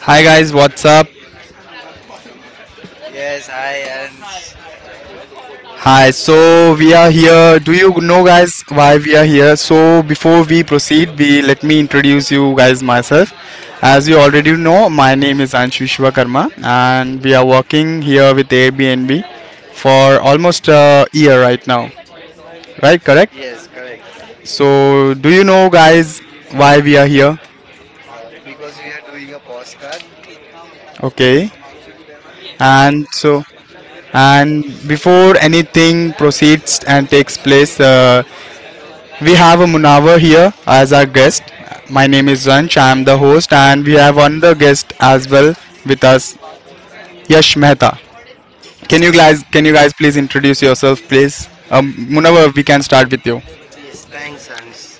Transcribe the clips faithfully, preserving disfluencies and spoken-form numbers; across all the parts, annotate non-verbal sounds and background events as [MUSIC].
Hi guys, what's up? Yes, I and Hi, hi, hi. Hi, so we are here. Do you know guys why we are here? So before we proceed, we let me introduce you guys myself. As you already know, my name is Anshu Shivakarma and we are working here with Airbnb for almost a year right now. Right, correct? yes, Yes. correct. So do you know guys why we are here? Uh, because we are doing a postcard. Okay. Yes, we are And doing a so podcast today, correct? and before anything proceeds and takes place, uh, We have a Munawar here as our guest. My name is Vansh. I am the host, and we have another guest as well with us, Yash Mehta. Can you guys, can you guys please introduce yourself, please? Um, Munawar, we can start with you. Yes, thanks, Hans.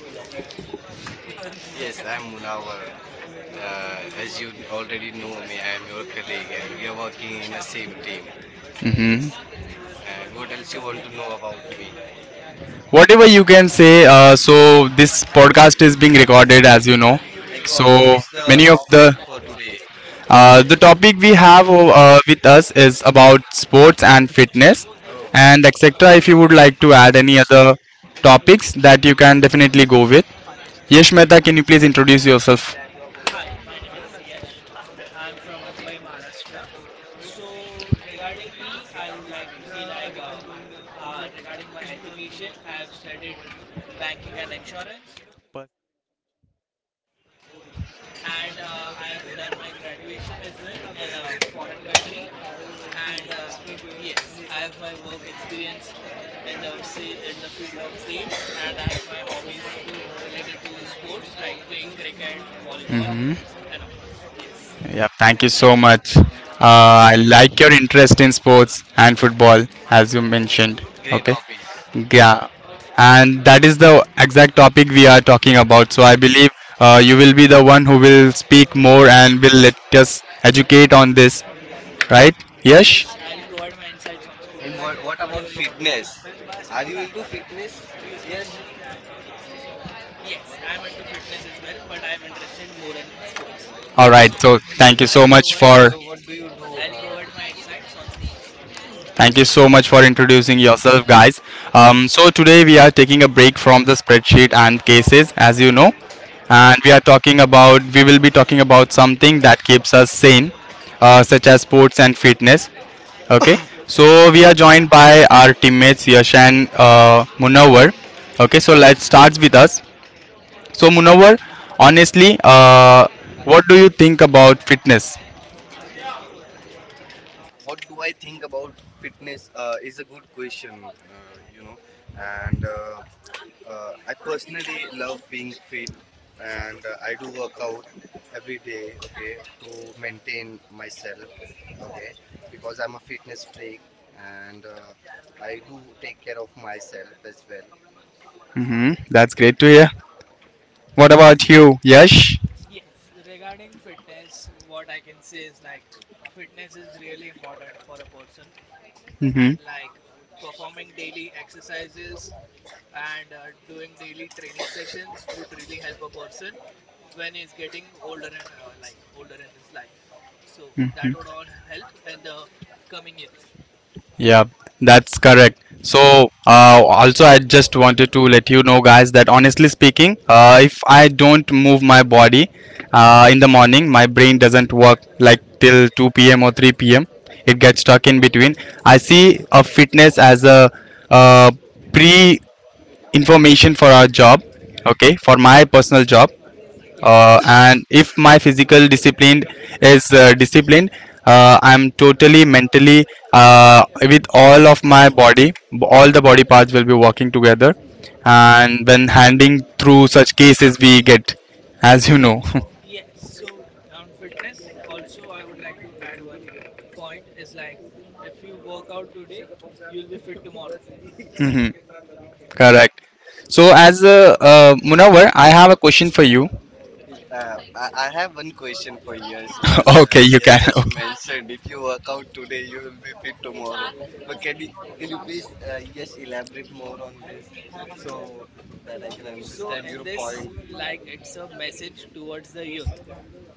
Yes, I'm Munawar. Uh, as you already know me, I'm your colleague, and we are working in the same team. hmm Yes. And what else you want to know about me? Whatever you can say, uh, so this podcast is being recorded, as you know. Like, uh, what So is the many of topic the for today? uh, the topic we have uh, with us is about sports and fitness Oh, and etc., if you would like to add any other interesting. topics, that you can definitely go with. Yesh Mehta, can you please introduce yourself? Hi, my name is Yash. I'm from Mumbai, Maharashtra. So, regarding me, I would like to say, like, uh, uh, regarding my education, I've studied banking and insurance, and uh, I've done my graduation as well in a foreign country. And uh, yes, I have my work experience in the sa- in the field of sales, and I have my hobbies related to sports like playing cricket, volleyball, and all. Yes. Yeah, thank you so Thank you. much. Yes, my Uh, I pleasure. like your interest in sports and football, as you mentioned. Great Okay. hobbies. Topic. Yeah. And that is the exact topic we are talking about. So I believe uh, you will be the one who will speak more and will let us educate on this, right? Yes? Yes, I'll provide my insights on And sports. what, what about Whatever you want to know. fitness? Are you into fitness? Yes. Y- yes, I'm into fitness as well, but I'm interested more in sports. All right. Okay. So So thank you I so will much provide for. So what Yes, do you do? I'll Uh, provide my insights on sports. Thank you so much for introducing yourself, guys. Um, Fine. so, today we are taking a break from the spreadsheet and cases, as you know, and we are talking about, we will be talking about something that keeps us sane, uh, such as sports and fitness. Okay, [LAUGHS] so we are joined by our teammates Yash and uh, Munawar. Okay, so let's start with us. So, Munawar, honestly, uh, what do you think about fitness? What do I think about fitness? Uh, is a good question. Uh, you know, and uh, uh, I personally love being fit, and uh, I do work out every day. Okay, to maintain myself. Okay, because I'm a fitness freak, and uh, I do take care of myself as well. Hmm, that's great to hear. What about you, Yash? Yes, regarding fitness, what I can say is, like, fitness is really important for a person, and, Mm-hmm. like, uh, performing daily exercises and uh, doing daily training sessions would really help a person when he's getting older and, uh, like, older in his life. So that would all help in the coming years. Yeah, that's correct. So, uh, also, I just wanted to let you know, guys, that honestly speaking, uh, if I don't move my body uh, in the morning, my brain doesn't work like till two p m or three p m. It gets stuck in between. I see a fitness as a uh, pre information for our job, okay, for my personal job, uh, Yes. and if my physical discipline is uh, disciplined, uh, I'm totally mentally, uh, with all of my body, all the body parts will be working together and when handling through such cases we get, as you know. [LAUGHS] Yes. So, on fitness, also I would like to add one point is, like, if you work out today, you'll be fit tomorrow. Mhm. Correct. Yes. So, as uh, uh, Munawar, I have a question for you. Is, Uh, I I have one question for Yash. [LAUGHS] As uh, Okay, you Yash can. just [LAUGHS] Yes, can. mentioned, if you work out today, you will be fit tomorrow. Look, can you, can you please, uh, Yash, elaborate more on this so that I can So, understand in your this, point? like, it's a message towards the youth.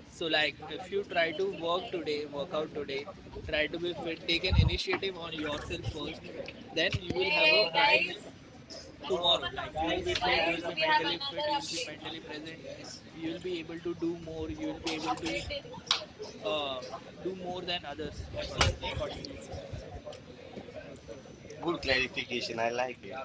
So, like, if you try to work today, work out today, try to be fit, take an initiative on yourself first, then you will have a bright tomorrow. Like, you'll be fit, you'll be mentally fit, you'll be mentally present, you'll be able to do more, you'll be able to uh do more than others according accordingly. Good clarification. I like it.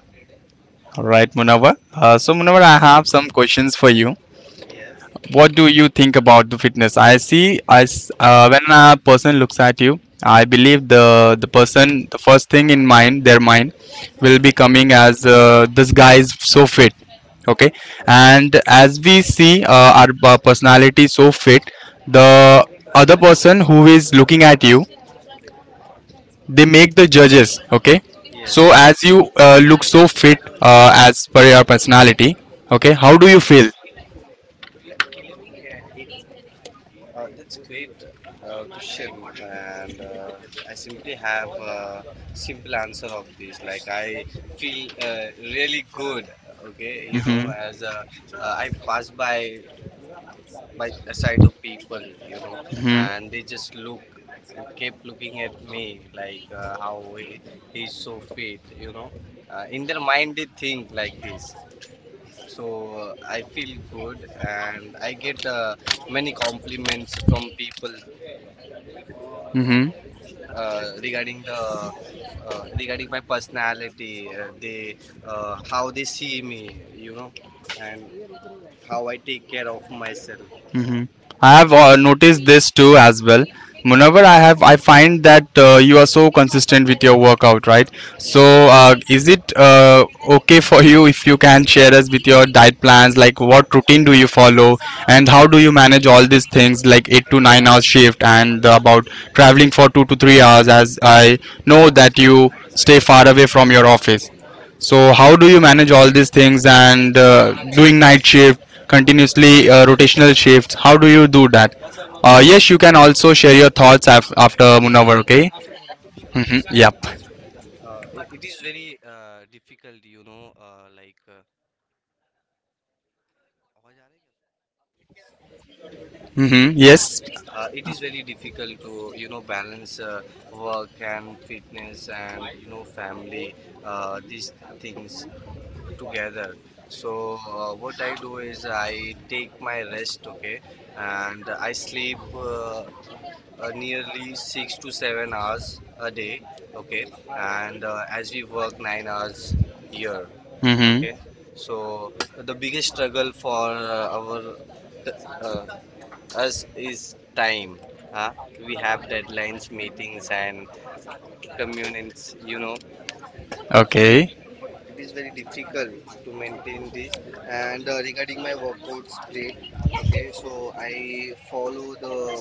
All right, Munawar. Uh, so, Munawar, I have some questions for you. Yes. What do you think about the fitness? I see, i s- uh, when a person looks at you, I believe the the person, the first thing in mind, their mind will be coming as, uh, this guy is so fit. Okay. Okay. And as we see, uh, our p- personality so fit, the other person who is looking at you, they make the judges. Okay. So, yes, as you uh, look so fit, uh, as per your personality, okay, how do you feel? Uh, that's great uh, question, and uh, I simply have a simple answer of this. Like I feel uh, really good. uh, Okay, you know, as uh, uh, I pass by by a side of people, you know, and they just look and kept looking at me like uh, how he, he's so fit, you know. Uh, in their mind, they think like this. So uh, I feel good, and I get uh, many compliments from people uh, regarding the uh, regarding my personality, uh, they uh, how they see me, you know, and how I take care of myself. hmm I Yes. have uh, noticed this too as well. Whenever I have, I find that uh, you are so consistent with your workout, right? So, Yes. uh, is it uh, okay for you if you can share us with your diet plans? Like, what routine do you follow, and how do you manage all these things, like eight to nine hours shift, and about traveling for two to three hours? As I know that you stay far away from your office. So how do you manage all these things and uh, doing night shift, continuously uh, rotational shifts? How do you do that? Uh, yes, you can also share your thoughts af- after Yes, Munawar, sure. okay? After Munawar, sure. Mm-hmm. Yep. Uh, it it is very uh, difficult, you know, uh, like uh, आवाज़ आ रही है क्या? Mm-hmm. Yes. Uh, it is very difficult to, you know, balance uh, work and fitness and, you know, family, uh, these things together. So uh, what I do is I take my rest, okay, and I sleep uh, uh, nearly six to seven hours a day, okay, and uh, as we work nine hours here, Mm-hmm. okay. So the biggest struggle for uh, our c- uh, us is time. Uh, we have deadlines, meetings, and communities, you know. Okay. So it Okay. is very difficult to maintain this, and uh, regarding my workout split, okay. So I follow the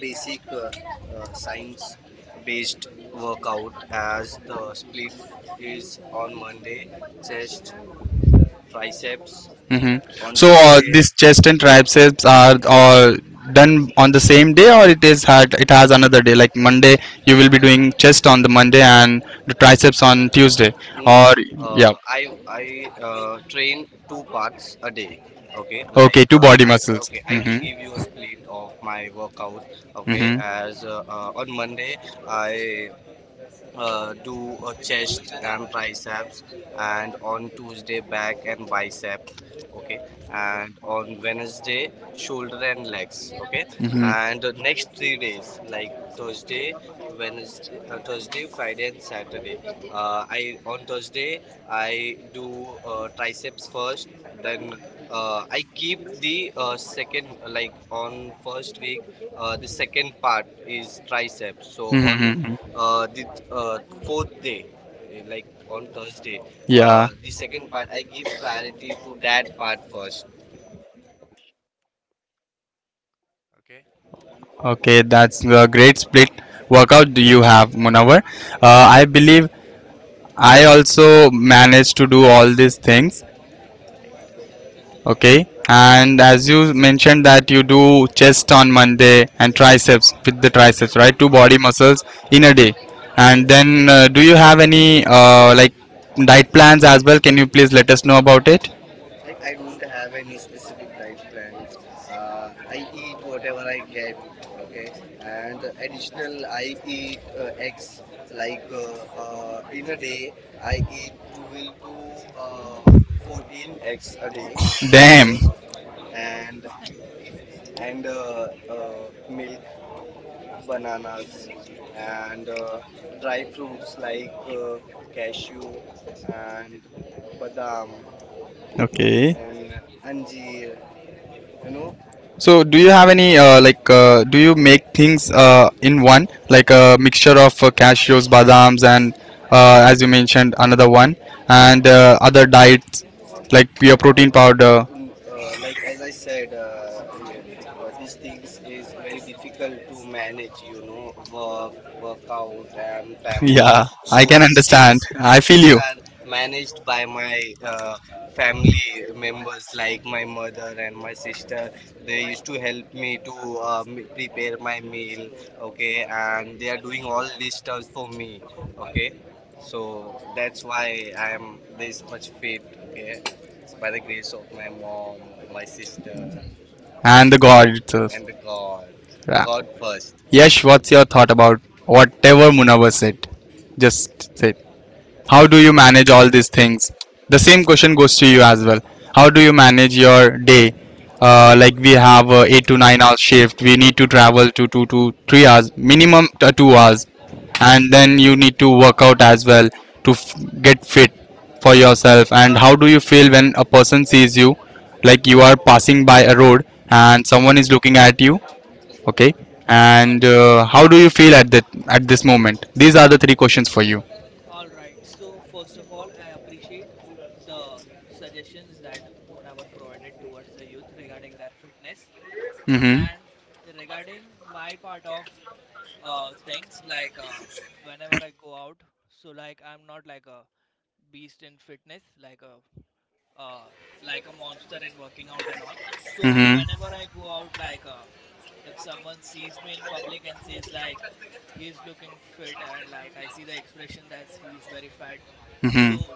basic uh, uh, science based workout, as the split is: on Monday chest, triceps, hmm on So on So uh, Tuesday... these chest and triceps are all done on the same day, or it is had it has another day. Like Monday, you will be doing chest on the Monday and the triceps on Tuesday. No, Or yeah, uh, I I uh, train two parts a day. Okay, like okay, like two uh, body I muscles. okay, I will give you a Mm-hmm. split of my workout. Okay, Mm-hmm. as uh, uh, on Monday I uh, do uh, chest and triceps, and on Tuesday back and biceps, okay, and on Wednesday shoulder and legs, okay, Hmm. and the next three days like Thursday, Wednesday uh, Thursday, Friday and Saturday. Uh, I On Thursday I do uh, triceps first, then uh, I keep the uh, second, uh, like on first week uh, the second part is triceps, so on. Hmm. Uh the th- uh fourth day, eh, like on Thursday, Yeah. uh the second part I give priority to that part first, okay. Okay, that's a great split workout do you have, Munawar. Uh, I believe I also managed to do Diet. all these things. Okay, and as you mentioned that you do chest on Monday and triceps with the triceps, right? Two body muscles in a day. And then, uh, do you have any uh, like diet plans as well? Can you please let us know about it? Like, I don't have any specific diet plans. uh I eat whatever I get, okay. And uh, additional I eat uh, eggs. Like, uh, uh in a day I eat twelve to uh fourteen eggs a day, okay. Damn. And and uh, uh milk, bananas, and uh, dry fruits like uh, cashew and badam Okay. and uh, anjeer, you know. So, do you have any uh, like? Uh, do you make things uh, in one, like a mixture of uh, cashews, badams, and uh, as you mentioned, another one, and uh, other diets like your protein powder? Uh, n- uh, like, as I said, uh, yeah, uh, these things is very difficult to manage, you know, work, workout, and [LAUGHS] family. Yeah, I So can these understand. things, these I feel things you. are managed by my uh, family members, like my mother and my sister. They used to help me to uh, m- prepare my meal, okay, and they are doing all these stuff for me, okay. So that's why I am this much fit, okay, by the grace of my mom, my sister, And the God itself. and the God. Yeah. God first. Yash, what's your thought about whatever Munawar said? Just say, how do you So, manage all these things? The same question goes to you as well. How do you manage your day? Uh, like we have a eight to nine hours shift. We need to travel to two to three hours, minimum uh, two hours and then you need to work out as well to f- get fit for yourself and how do you feel when a person sees you like you are passing by a road and someone is looking at you, okay, all and right. uh, how do you feel at that at this moment? These are the three questions for you. All right. So, first of all, I appreciate the suggestions that Munavar provided towards the youth regarding their fitness, Mm-hmm. and regarding my part of uh, things, like, uh, whenever I go out. So, like, I'm not like a beast in fitness, like a uh, like a monster in working out and all. So, whenever I go out, like, uh, if someone sees me in public and says, like, he is looking fit, and, like, I see the expression that he is very fat, Mm-hmm. so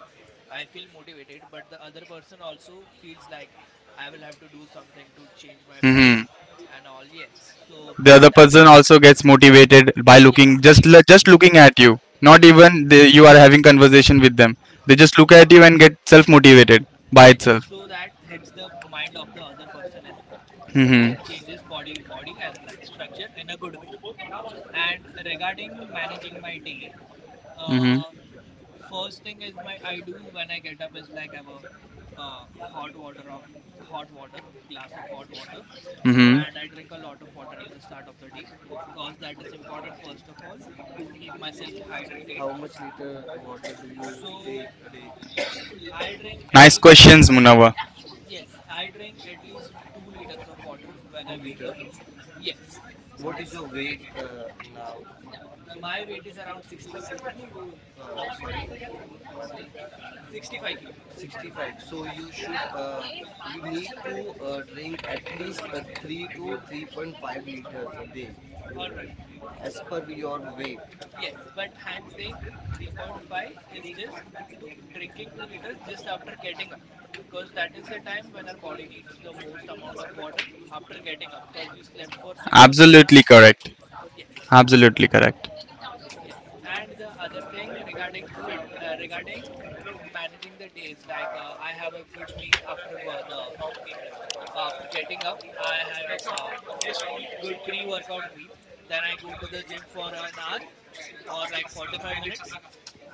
I feel motivated. But the other person also feels like I will have to do something to change my Body. Mm-hmm. body and all. Yes, so The other And that, person also gets motivated by looking, yes, yes, just like l- it. just looking at you. Not Yes, even they, you are having conversation with them. yes. They just look at you and get self motivated by Yes, itself. so that hits the mind of the other person as well, to, Hmm. like, change Yes. his body body and, like, structure in a good way. And regarding managing my day, Hmm. uh first thing is, my I do when I get up is, like, I have a uh, hot water of hot water, a glass of hot water, Hmm. and I drink a lot of water at the start of the day, because that is important first of all to keep myself hydrated. How much liter water do you So take a day? I drink at Nice least questions, Munawar. Yes, I drink at least two liters of water when I Two wake up. liter. Yes. Uh, What is your weight uh, now? My weight is around sixty-five. Uh, sorry, pardon. sixty-five kilograms. sixty-five. So you should uh, you need to uh, drink at least uh, three to three point five liters a day. You All right. as per your weight. Yes, but [LAUGHS] I'm saying three point five is just two, drinking two liters just after getting up. Because that is the time when our body needs the most amount of water after getting up. Because you slept for six or seven Absolutely hours. correct. Yes. Absolutely correct. Yes. And the other thing regarding fit, uh, regarding managing the days, like, uh, I have a good meal after wo- the After getting up, I have a good pre-workout meal. Then I go to the gym for an hour or like forty-five minutes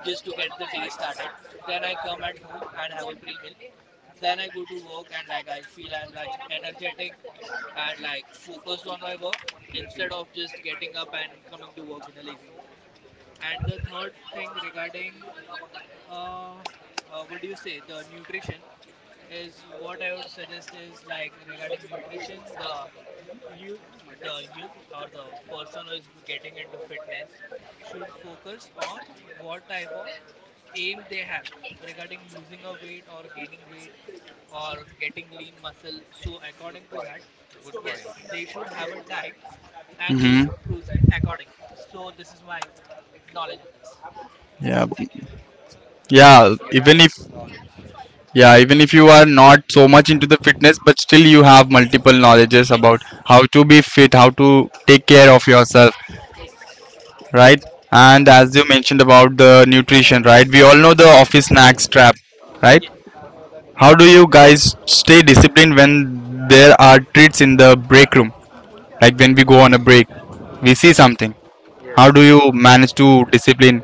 just to get the day started. Then I come at home and have a pre-meal. Then I go to work, and, like, I feel I'm, like, energetic and, like, focused on my work instead of just getting up and coming to work in a lazy way. And the third thing regarding uh, uh what do you say, the nutrition is, what I would suggest is, like, regarding nutrition, the youth, the youth or the person who is getting into fitness should focus on what type of aim they have regarding losing a weight or gaining weight or getting lean muscle. So, according Good to that, point. yes, they should have a diet and they should proceed accordingly. So, this is my knowledge in this. Yes. yeah So, b- thank you. yeah You have even a if good knowledge, Yash. yeah even if you are not so much into the fitness but still you have multiple knowledges about Yes. how to be fit, how to take care of Yes. Yes. yourself, Yes. right? And as you mentioned about the nutrition, right, we all know the office snacks trap, right? Yes. How do you guys stay disciplined when there are treats in the break room? Like when we go on a break we see something, how do you manage to discipline?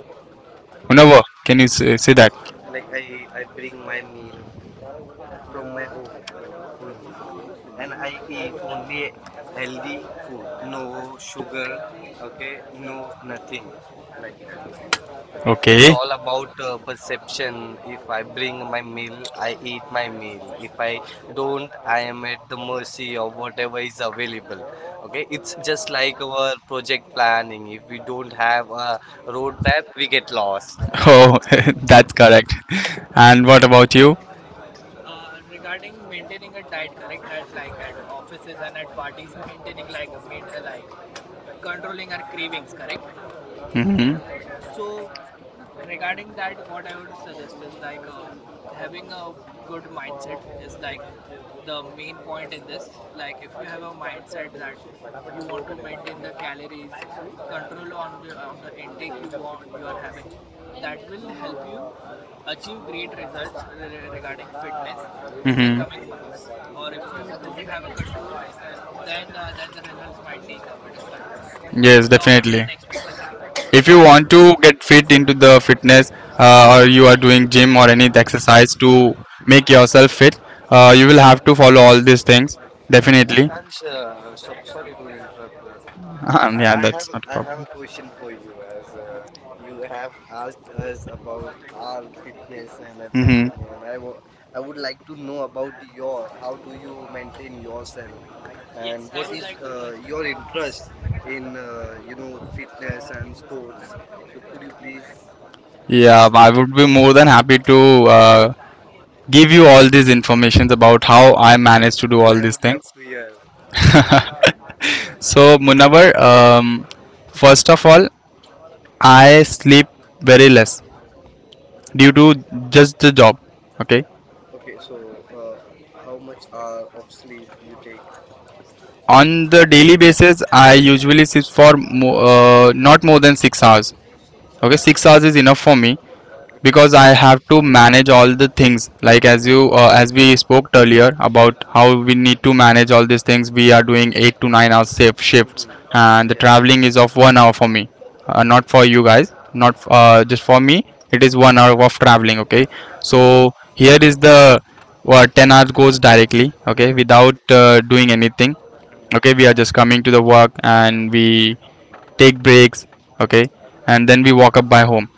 Unava, can you say, say that? Like I I bring my meal from my home only, okay? And I eat only healthy food, no sugar, okay? No, nothing like that, It's okay? It's okay, Okay. all about uh, perception. If I bring my meal, I eat my meal. If I don't, I am at the mercy of whatever is available, okay? It's just like our project planning. If we don't have a road map, we get lost. Oh, [LAUGHS] that's correct. And what about you? uh, regarding maintaining a diet, correct, at like at offices and at parties, [LAUGHS] maintaining, like, main, uh, like, controlling our cravings, correct. Hmm. So, regarding that, what I would suggest is, like, uh, having a good mindset is, like, the main point in this. Like, if you have a mindset that you want to maintain the calories, control on the on the intake you want you are having, that will help you achieve great results re- regarding fitness in the Mhm. coming months. Or, if you don't have a control, then uh, then the results might take a bit of time Yes, so longer than expected. if you Yes. want to get fit into the fitness, uh, or you are doing gym or any exercise to make yourself fit, uh, you will have to follow all these things And definitely. Ansh, uh, so sorry to interrupt. uh, Uh, [LAUGHS] um, I yeah I have that's a, not a I have a problem. question for Have you, as uh, you have asked us about our fitness and hmm everything, and I wa- I would like to know about your how do you maintain yourself, and Yes, I what would is like to know uh, as well. your interest in, uh, you know fitness and sports. So could you please give us yeah, um, I some? would be more than happy to uh, give you all these informations about how I managed to do And all I I these would I. love to hear. [LAUGHS] So Munawar, um, first of all, I sleep very less due to just the job. Okay, Okay, so uh, how much hour of sleep you take? on the daily basis, I usually sleep for mo- uh, not more than six hours. Okay, six hours is enough for me Okay, okay. because I have to manage all the things. Like as you uh, as we spoke earlier about how we need to manage all these things. We are doing eight to nine hour safe shifts, and the traveling is of one hour for me, uh, not for you guys, not f- uh, just for me. It is one hour of traveling. Okay, so here is the uh, ten hours goes directly. Okay, without uh, doing anything, Mhm. okay, we are just coming to the work and we take breaks, okay, and then we walk up by home,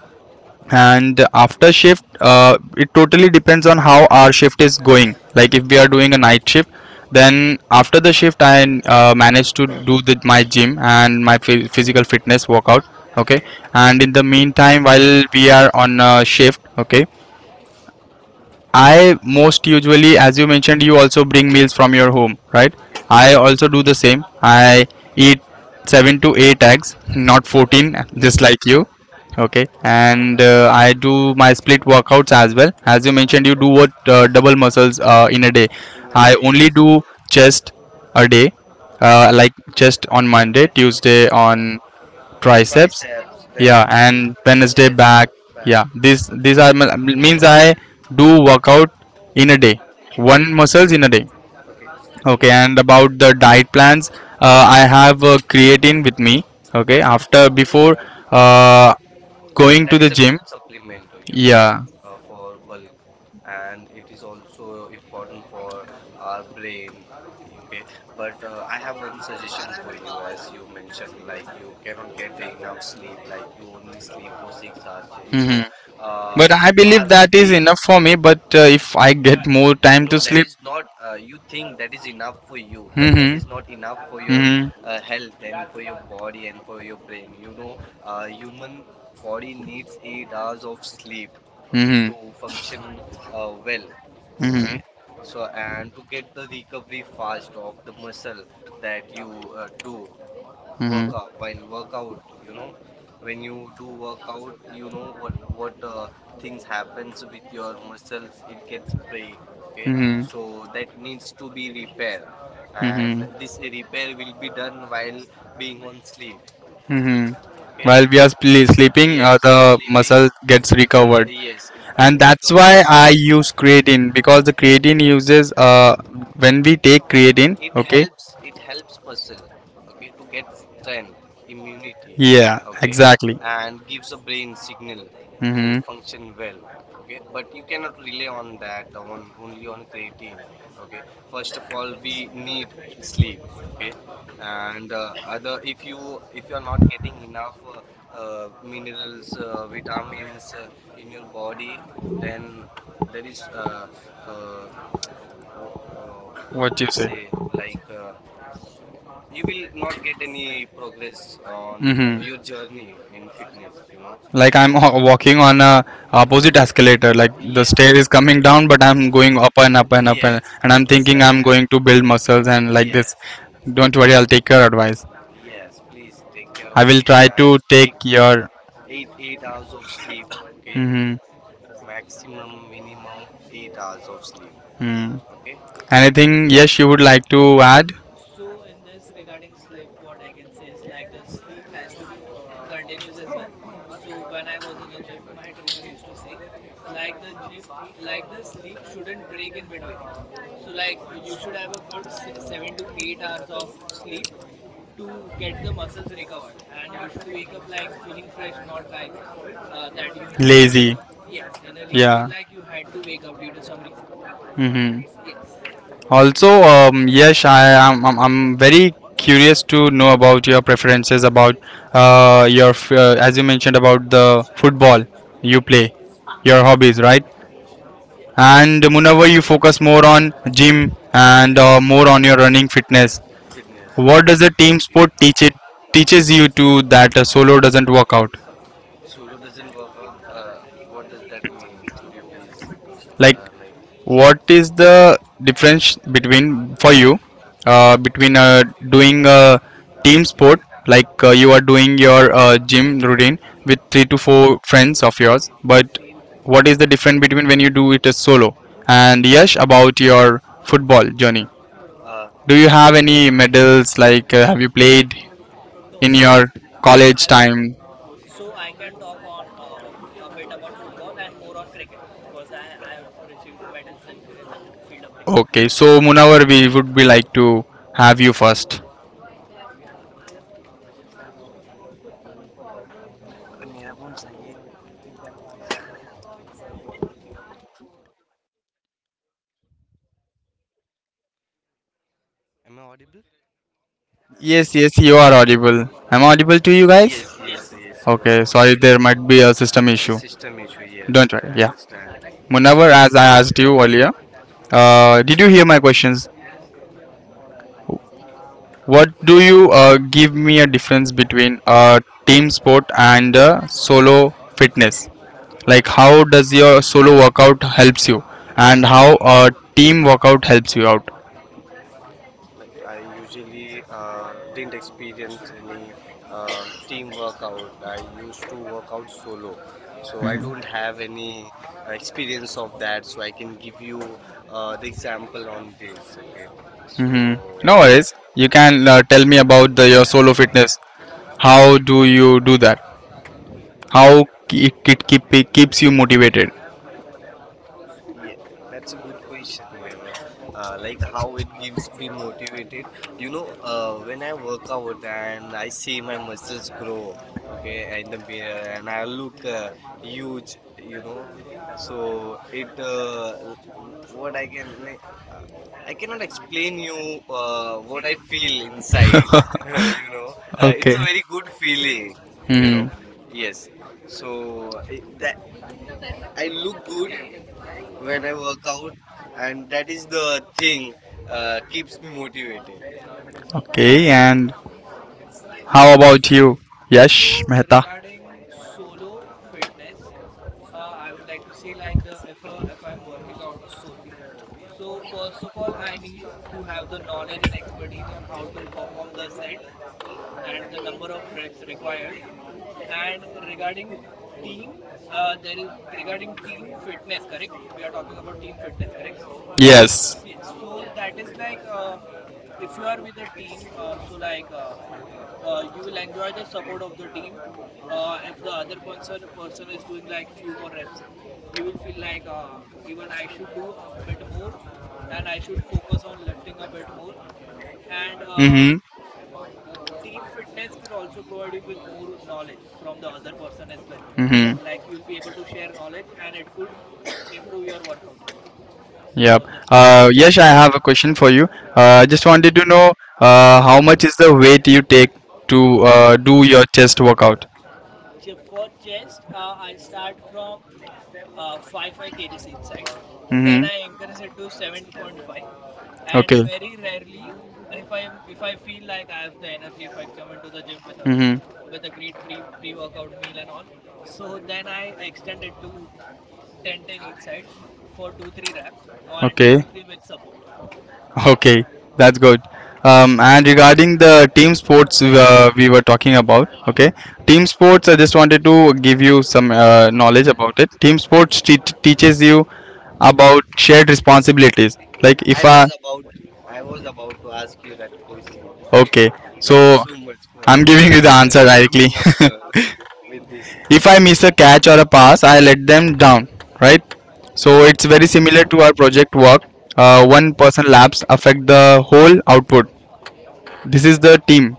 and after shift uh, it totally depends on how our shift is going, like if we are doing a night shift then after the shift I uh, manage to do the, my gym and my phy- physical fitness workout. Okay, Okay. and in the meantime while we are on uh, shift, okay, I most usually, as you mentioned, you also bring meals from your home, right? Yes. I also do the same. I eat seven to eight eggs, not fourteen, just Mm-hmm. like you. Okay, and uh, I do my split workouts as well. As you mentioned, you do what uh, double muscles uh, in a day. In a I day. only Yes. do chest a day, Okay. uh, like chest on Monday, Tuesday on triceps triceps, Triceps, then yeah, then and Wednesday chest, back back. Yeah, back. these these are m- means I do workout in a day, In a day. one muscles in a day. Okay. Okay, Wha- and about the diet plans, uh, I have uh, creatine with me. Okay, after before uh, going to That That is the a gym, good you supplement, uh, you know, yeah uh, for bulk, and it is also important for our brain. Okay, okay. But uh, I have one suggestion for you, as you mentioned, like you cannot get enough sleep, like you only sleep for six hours. You know, are uh, our that is we enough for me. But uh, if I get more time. no, that is not... uh, You think that is enough for you, but that Hmm, is not enough for your hmm, uh, health and for your body and for your brain. You know, uh, human body needs eight hours of sleep, okay, hmm, to function uh, well, well, okay. So, and to get the recovery fast of the muscle that you uh, do hmm, workout, while workout, you know, when you do workout, you know what what uh, things happens with your muscles: it gets break, okay. hmm, So that needs to be repair, hmm, and this uh, repair will be done while being on sleep, hmm, okay. okay. While we are sle- sleeping, Yes, you are sleeping. gets recovered. Uh, yes, uh, And that's recover why I fast. use creatine, because the creatine uses uh, when we take creatine, It helps it helps muscle, okay, to get strength, immunity, okay, and gives a brain signal to function well, okay. But you cannot rely on that, on only on creatine, okay. First of all, we need sleep, okay. And uh, other, if you if you are not getting enough uh, uh, minerals, uh, vitamins, uh, in your body, then there is uh, uh, w- uh, what what. do we say? Like, uh, you will not get any progress on your Hmm. journey in fitness, you know? Like I'm So, ho- walking on a opposite escalator. Like the, yeah, stair yes, is, yes, coming down, but I'm going up and up [LAUGHS] and up and, yes, yes, and I'm it's thinking like I'm, exactly, that. going to build muscles and like this. Yes, Yes, don't worry, I'll take your advice. yes, please take care I of will it try to and health, take take, take your. eight, eight hours of sleep, okay? Mm-hmm. Maximum, minimum eight hours of sleep, Mm. okay? Anything? Yes, you would like to add? So, in this, regarding sleep, what I can say is, like, the sleep has to be continuous as well. So, when I was in a gym, my trainer used to say, like, the gym, like the sleep shouldn't break in between. So, like, uh, you should have a good se- seven to eight hours of sleep to get the muscles recovered, and you should wake up, like, After, feeling fresh, not like uh, that you, you had to wake lazy. up. Yes, in a lazy way, Yeah. like you had to wake up due to some reason. Mm-hmm. Yes, Also, yes, um, Yash, I am I'm, I'm very curious to know about your preferences about uh, your f- uh, as you mentioned about the football you play, yes, your yes, hobbies, right? yes. And Munawar, you focus more on gym and uh, Yes. more on your running fitness. Fitness, What yes. does a team sport teach, it teaches you to, that a solo doesn't work out? Solo doesn't work out. Uh, what does that mean? Could you please, Like, uh, like, what is the difference between, for you uh, between uh, doing a team sport like uh, you are doing your uh, gym routine with three to four friends of yours, but what is the difference between when you do it as solo? And Yash, about your football journey. uh, Do you have any medals? Like, uh, have you played No, in so your college I time? so I can talk on uh, a bit about football and more on cricket, because I I have received medals in cr- in the field of cricket. Okay, so Munawar, Yes. we would be like to have you first. am I audible? Yes, yes, you are audible. Am I audible to you guys? Yes, Yes, yes, yes. yes, you are Okay, sorry, audible. there might be a system A issue. system issue, Fine. yes, Don't worry, I yeah. understand. Okay, Munawar, so as I asked you earlier, uh, did you hear my questions? What do you uh, give me a difference between uh, team sport and uh, solo fitness? Like, how does your solo workout helps you, and how a team workout helps you out? like I usually uh, didn't experience any uh, team workout. I used to work out solo, so I don't have any uh, experience of that. So I can give you uh, the example on this. Okay, Mm-hmm. so. No worries. You can uh, tell me about the, your solo fitness. How do you do that? How it, it keep, it keeps you motivated? Yeah, that's a good question, you know. Uh, like, how it gives me motivated. You know, uh, when I work out and I see my muscles grow, okay, in the mirror, and I look uh, huge, you know. So it uh, l- w- what I can na- uh, I cannot explain you uh, what I feel inside, [LAUGHS] [LAUGHS] you know. [LAUGHS] Uh, it's okay. Okay. a very good feeling, You you know. know. Hmm. Yes. So it, that I look good when I work out, and that is the thing uh, keeps me motivated. Okay. And how about S- you, So, Yash Mehta? regarding solo fitness, uh, I would like to say, like, the if uh, if I'm working out solely. So, first of all, I need to have the knowledge and expertise on how to perform the sets and the number of reps required. And regarding team, uh, there is regarding team fitness, correct? We are talking about team fitness, correct? Yes. S- Yes. So, that is, like, uh, if you are with a team, uh, so, like, uh, uh, you will enjoy the support of the team. Uh, if the other person person is doing, like, few more reps, you will feel like, uh, even I should do a bit more, and I should focus on lifting a bit more. And uh, Mm-hmm. team fitness will also provide you with more knowledge from the other person as well. Like, you will be able to share knowledge and it could improve your workout as well. Yep. So, this is my Uh, point. Yash, I have a question for you. Uh, I just Yes. wanted to know uh, how much is the weight you take to uh, do your chest workout? Che- for chest, uh, I start from, uh, 5 five kgs each side, then Mm-hmm. I increase it to seven point five, and Okay. very rarely, if i am if I feel like I have the energy, if I come into the gym with a Mm-hmm. with a great pre pre workout meal and all, so then I extend it to Ten ten each side for two three wrap and Okay. two three with support. [LAUGHS] Okay, that's Yes. good. Um, and regarding the team sports uh, we were talking about, okay, team sports. I just wanted to give you some uh, knowledge about it. Team sports te- teaches you about shared responsibilities. Like I, if I I, was about I was about to ask you that question. okay, [LAUGHS] Thank you so so much for I'm giving you the uh, answer directly. coming up [LAUGHS] uh, [LAUGHS] with this. If I miss a catch or a pass, I let them down, right? So it's very similar to our project work. Uh, one person laps affect the whole output. This is the team,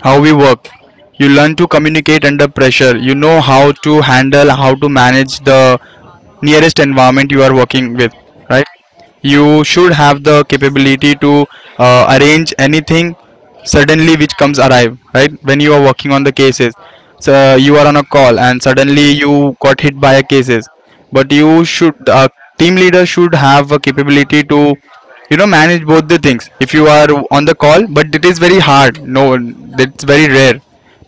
how we work. You learn to communicate under pressure. You know how to handle, how to manage the nearest environment you are working with, right? You Mhm. should have the capability to uh, arrange anything suddenly which comes arrive, right, when you are working on the cases. So you are on a call and suddenly you got hit by a cases, but you should a team leader should have a capability to, you know, manage both the things if you are on the call. But it is very hard, no, it's very rare.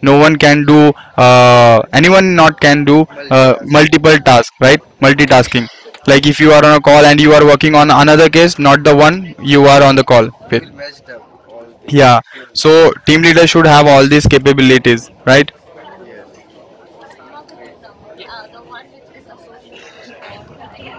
No one can do, uh, anyone not can do uh, Multitasking. multiple tasks, right? Yes, Multitasking, like if you are on a call and you are working on another case, not the one you are on the call you with. will messed up all things Yeah, if you'll do so that. team leader should have all these capabilities, right? Yes, great. Yes. I mean,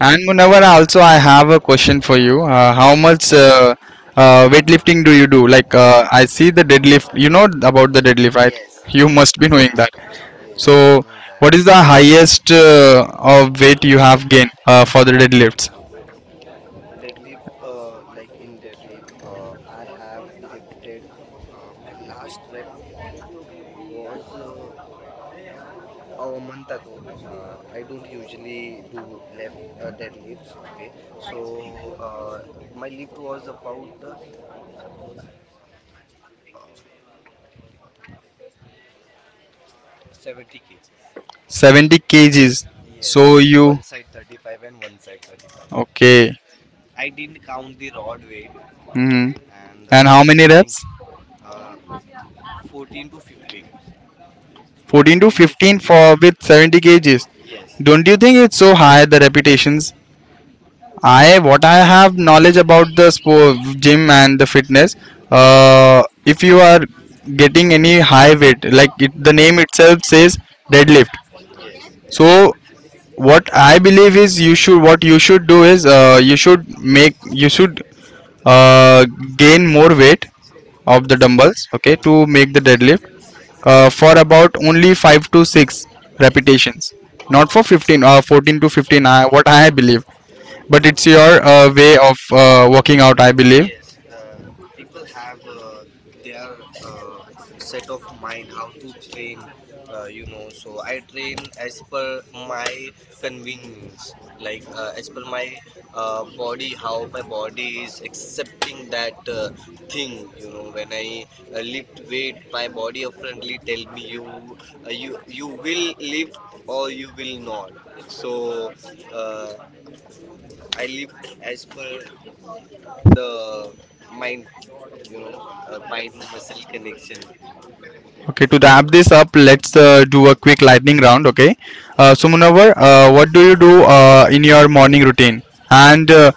And Munawar, also I have a question for you. Uh, how much uh, uh, weightlifting do you do? Like uh, I see the deadlift. You know about the deadlift, right? yes, You must be knowing that. yes, I So, know that. what is the Uh, highest uh, of weight you have gained uh, for the deadlifts? but deadlift, uh, like in deadlift, uh, I have lifted uh, my last rep was uh, a month ago. Uh, I don't usually do left uh, deadlifts. Okay, so uh, my lift was about uh, uh, let me remember, seventy kgs. 70 kgs. Yes, So you, one side thirty-five and one side thirty-five. okay? I didn't count the rod weight, Hmm. and And uh, how I I many think reps? uh, fourteen to fifteen. fourteen to fourteen to fifteen fifteen. for with 70 kgs. Yes, Don't you think it's so high, the repetitions? I, what I have knowledge about the sport, gym and the fitness. Uh, if you are getting any high weight, like it, the name itself says deadlift. yes. So what I believe is, you should, what you should do is uh, you should make you should uh, gain more weight of the Mm-hmm, dumbbells. Okay, mm-hmm. to make the deadlift uh, for about only five to six repetitions, not for fifteen or fourteen to fifteen. I, what I believe, but it's your uh, way of uh, working out, I believe. Yes, uh, people have uh, their uh, set of mind how to train, uh, you know. So I train as per my convenience, like uh, as per my uh, body, how my body is accepting that uh, thing, you know. When I uh, lift weight, my body apparently tell me, you, uh, you, you will lift or you will not. So uh, I lift as per the mind, you know, uh, mind muscle connection. Okay, to wrap this up, let's uh, do a quick lightning round. Okay, uh, so Munawar, uh, what do you do uh, in your morning routine? And uh,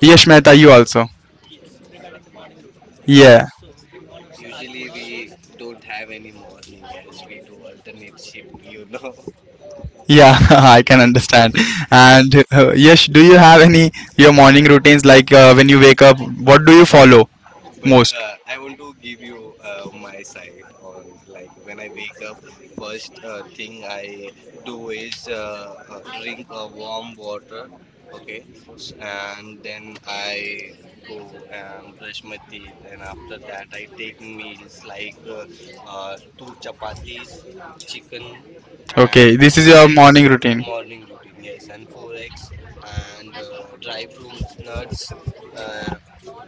Yash Mehta, you also. Yes. Regarding the morning routine, correct? Yeah, So, you want to ask Usually Munawar we first? don't have any morning as we do alternate shift, you [LAUGHS] know. yeah, [LAUGHS] I can understand. And uh, Yash, do you have any your morning routines like uh, when you wake up? What do you follow But most? uh, Ye- I want to give you uh, my side on, like, when I wake up, first uh, thing I do is uh, uh, drink a warm water, okay? S And then I go and brush my teeth, and after that I take meals like uh, uh, two chapatis, chicken, and Okay, this is four your morning eggs. routine. Morning routine, yes, and four eggs and uh, dry fruits, nuts. Uh,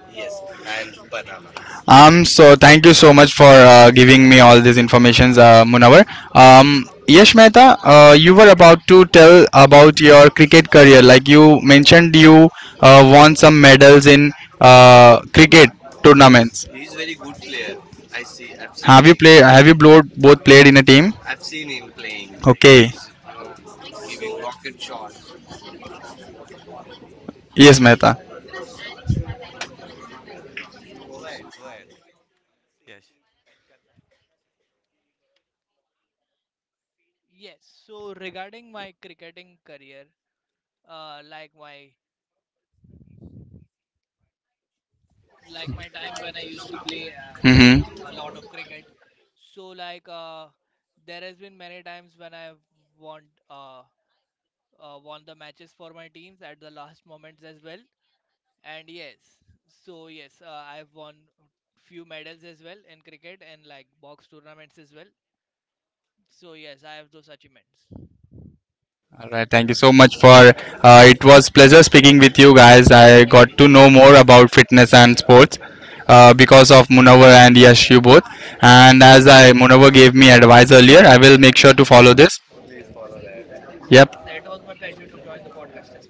Yes, and banana. Um, so thank you so much for uh, giving me all these informations, uh, Munawar. Um, Yash Mehta, uh, you were about to tell about your cricket career. Like you mentioned, you uh, won some medals in uh, cricket tournaments. He's very good player. I see. I've seen Have you him him played? Have you playing. both both played in a team? I've seen him playing. Like, Okay. he's, Yes. you know, giving So, rocket shot. Yes, Mehta. Go ahead. Go ahead. Yes. yes. So, regarding my cricketing career, uh, like my like my time when I used to play, Mm-hmm. uh, a lot of cricket. So, like, uh, there has been many times when I've won uh, uh, won the matches for my teams at the last moments as well. And, yes, so, yes, uh, I've won few medals as well in cricket and like box tournaments as well. So, yes, I have those achievements. All right, thank you so much for. Uh, thank it you. was pleasure speaking with you guys. I got to Yeah. know more Yes, about fitness and sports uh, yes. because of Munawar and Yash, you both. And Yes, as I Munawar gave me advice earlier, I will make sure to follow this. Please follow that. yes, Yep. it was my pleasure to join the podcast as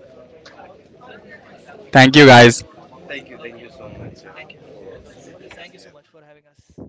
Thank you guys. Thank you. well. Thank Okay. you so much uh, Thank you. for taking us Thank you so here. much for having us.